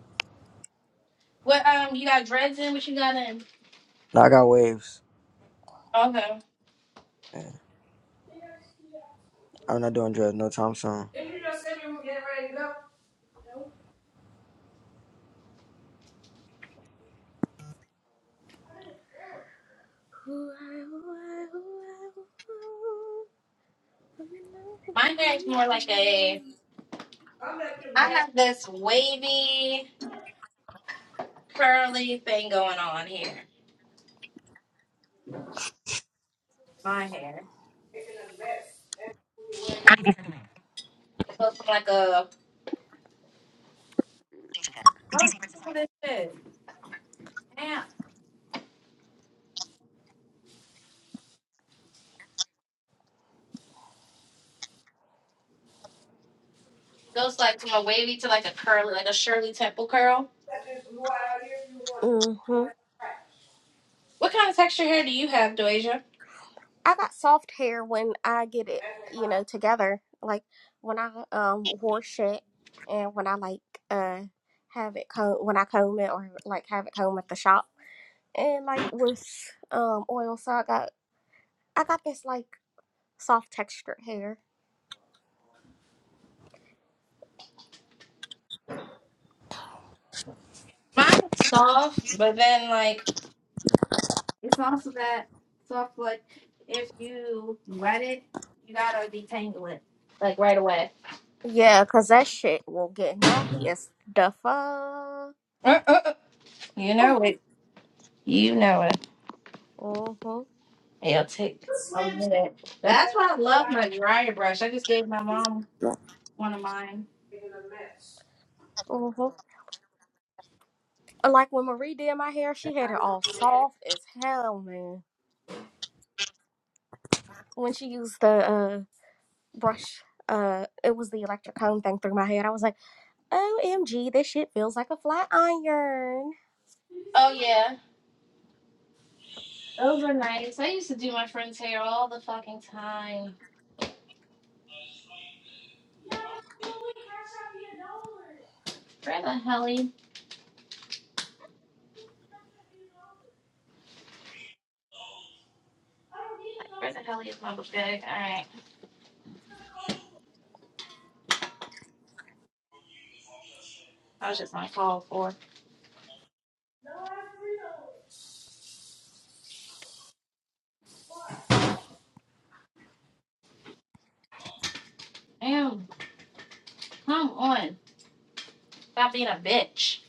S1: What um you got dreads in? What you got in?
S8: Now I got waves.
S1: Okay.
S8: Yeah, I'm not doing drugs no time soon.
S3: Didn't you just sit you and get ready to go? No, I didn't.
S1: My hair is more like a.
S3: I'm making
S1: I
S3: the best,
S1: have this wavy, curly thing going on here. My hair
S3: making the best. That's the way.
S1: goes from like a. Oh, look at this shit. Damn. Goes like from a wavy to like a curly, like a Shirley Temple curl.
S3: Let this blew out out here if you want. Go
S5: Mm-hmm.
S3: in the trash.
S1: What kind of texture hair do you have, Doasia?
S5: I got soft hair when I get it,
S3: That's what
S5: you
S3: my.
S5: know, together. Like when I um wash it and when I like uh have it comb when I comb it or like have it comb at the shop. And like with um oil, so I got I got this like soft textured hair.
S1: Mine's soft, but then like it's also that soft. Like if you wet it, you gotta detangle it like right away.
S5: Yeah, 'cause that shit will get nappy as the fuck.
S1: Uh, uh, uh. You know it. You know it.
S5: Mm-hmm.
S1: It'll take
S3: The
S1: a
S3: slims.
S1: minute. That's why I
S3: you what
S1: love
S3: I'm
S1: my dryer brush. I just gave my mom one of mine.
S3: making a mess.
S5: Mm-hmm. Like when Marie did my hair,
S3: And
S5: she had
S3: I
S5: it
S3: do want
S5: all
S3: to be there.
S5: soft as hell, man. When she used the uh brush, uh, it was the electric comb thing through my hair. I was like, OMG, this shit feels like a flat iron.
S3: You
S1: Oh
S3: see my
S1: yeah, those are nice. I used to do my friend's hair all the fucking time.
S3: yeah, we catch up here nowhere.
S1: Where the helly?
S3: I don't need
S1: Where the helly is my bag? All right, I was just on call for. Damn, come on, stop being a bitch.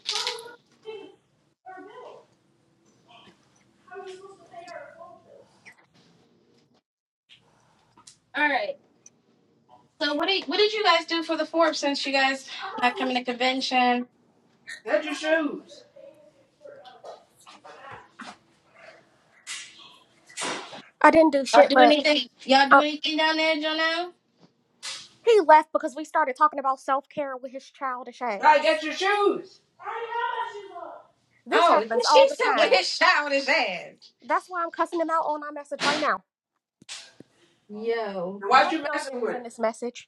S3: a dollar.
S1: All right. So what did what did you guys do for the Forbes since you guys not coming to convention?
S3: Get your shoes.
S5: I didn't do
S1: Y'all
S5: shit,
S1: do
S5: but
S1: anything? Y'all do
S5: uh,
S1: anything down there, Janelle?
S5: he left because we started talking about self care with his childish
S3: Try to get
S5: ass.
S3: your shoes.
S5: This
S1: Oh,
S5: happens all
S1: she
S5: the
S1: said with
S5: time.
S1: his shout his ass.
S5: That's why I'm cussing him out on my message right now.
S1: Yo.
S3: What
S5: Let me
S3: you
S5: go ahead
S3: messing
S5: and
S3: with?
S5: send this message.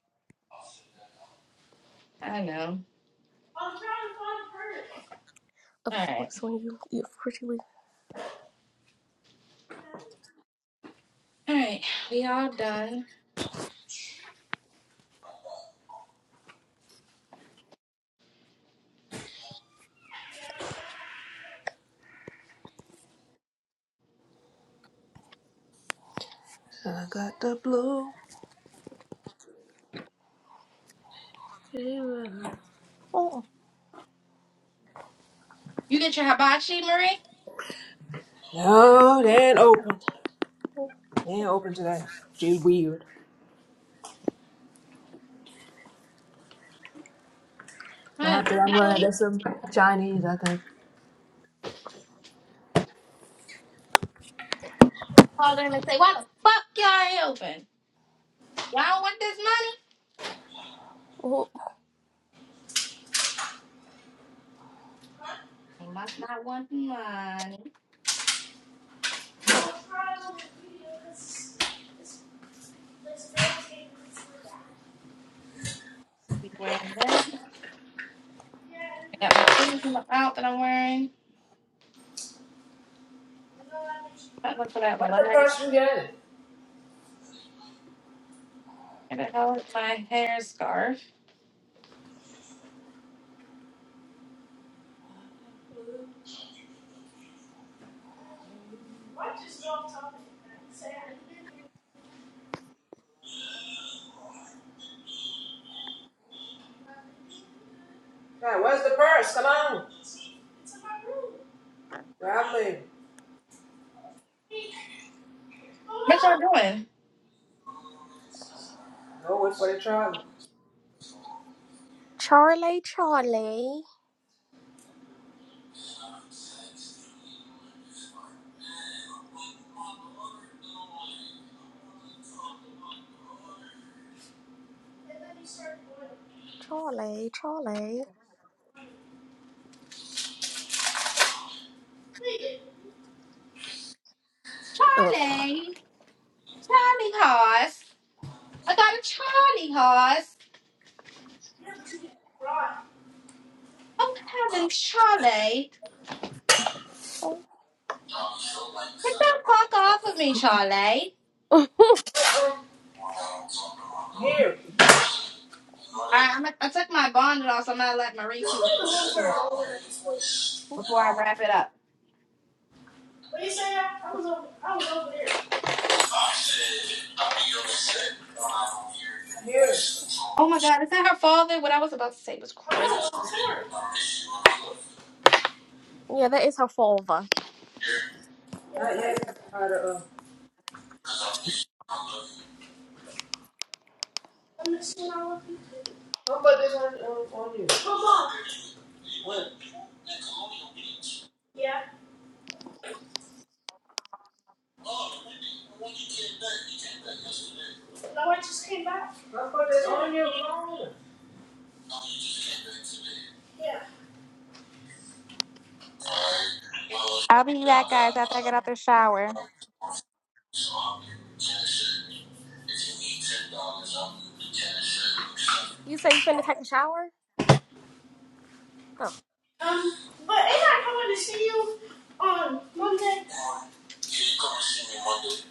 S1: I know. All
S5: Of
S1: right.
S5: course, when you, you of course you leave.
S1: All right. We all done.
S3: I got the blue. fever.
S5: Oh,
S1: You get your hibachi, Marie?
S3: No, they ain't open. They ain't open today. She's weird.
S1: Why
S3: I think
S1: the
S3: I'm
S1: hell
S3: gonna
S1: you
S3: get some Chinese, I think.
S1: call them and say, why the fuck y'all ain't open? Y'all don't want this money?
S5: oh,
S1: They must not want the money. Be wearing this. I got my clothes in the out that I'm wearing. I look for that
S3: What's the purse
S1: last.
S3: you getting?
S1: Where the hell is my hair scarf?
S3: Hey, where's the purse? Come on. Grab me.
S1: What y'all doing?
S3: Go wait for the
S5: Charlie, Charlie,
S3: trolley.
S5: Charlie, Charlie. Ugh.
S1: Charlie. Charlie horse. I got a Charlie horse.
S3: Here.
S1: Oh, heaven, Charlie.
S5: Oh,
S1: Get the fuck off of me, Charlie. I, I'm- I took my bonnet off, so I'm gonna let Marie finish
S3: What
S1: her story before I wrap it up.
S3: do you say? I was over. I was over there. I said, I mean, you said, I'm Here. Here.
S1: Oh my God, is that her father? What I was about to say was
S3: I
S1: crazy.
S3: know. I'm
S5: yeah, that is her father.
S3: here. Not yet. I I I to uh, Don't put this on, on, on you. Come on. What? Yeah. Oh, you mean the one you came back? You came back yesterday. No, I just came back. I put it on you. Oh, you just came back today. Yeah. All right. Well,
S1: I'll be
S3: yeah,
S1: back,
S3: I'm
S1: guys. After I get
S3: not.
S1: out the shower.
S3: I'm not. So I'll give you ten shirts. If you need ten dollars, I'll give you ten shirts.
S5: You say you finna take a shower? Oh,
S3: Um, but ain't I coming to see you on Monday? Yeah, you come to see me Monday,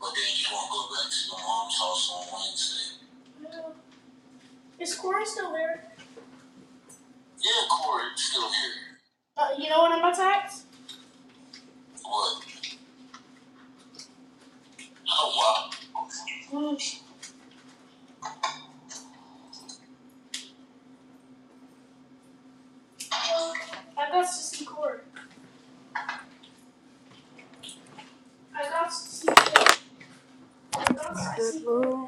S3: but then you won't go back to your mom's house on Wednesday. No. Is Corey still there? Yeah, Corey's still here. Uh, you know what I'm attacked? What? Oh, wow. Oh, sh- I got to see Corey. I got to see Corey. I got to see. Corey.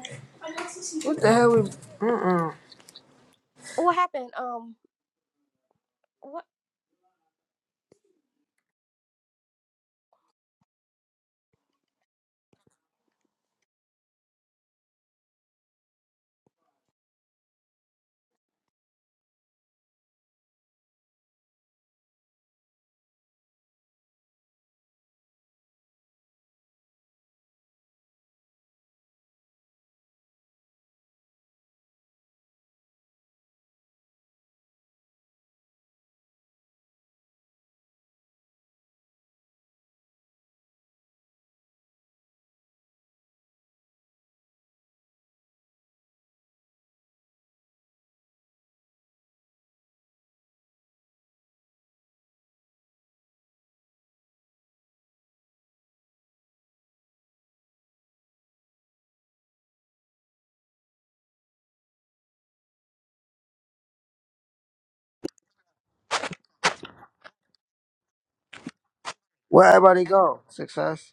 S3: I got to see. Corey. What the hell? We, mm-mm.
S5: what happened? Um, what?
S8: Where everybody go? Success.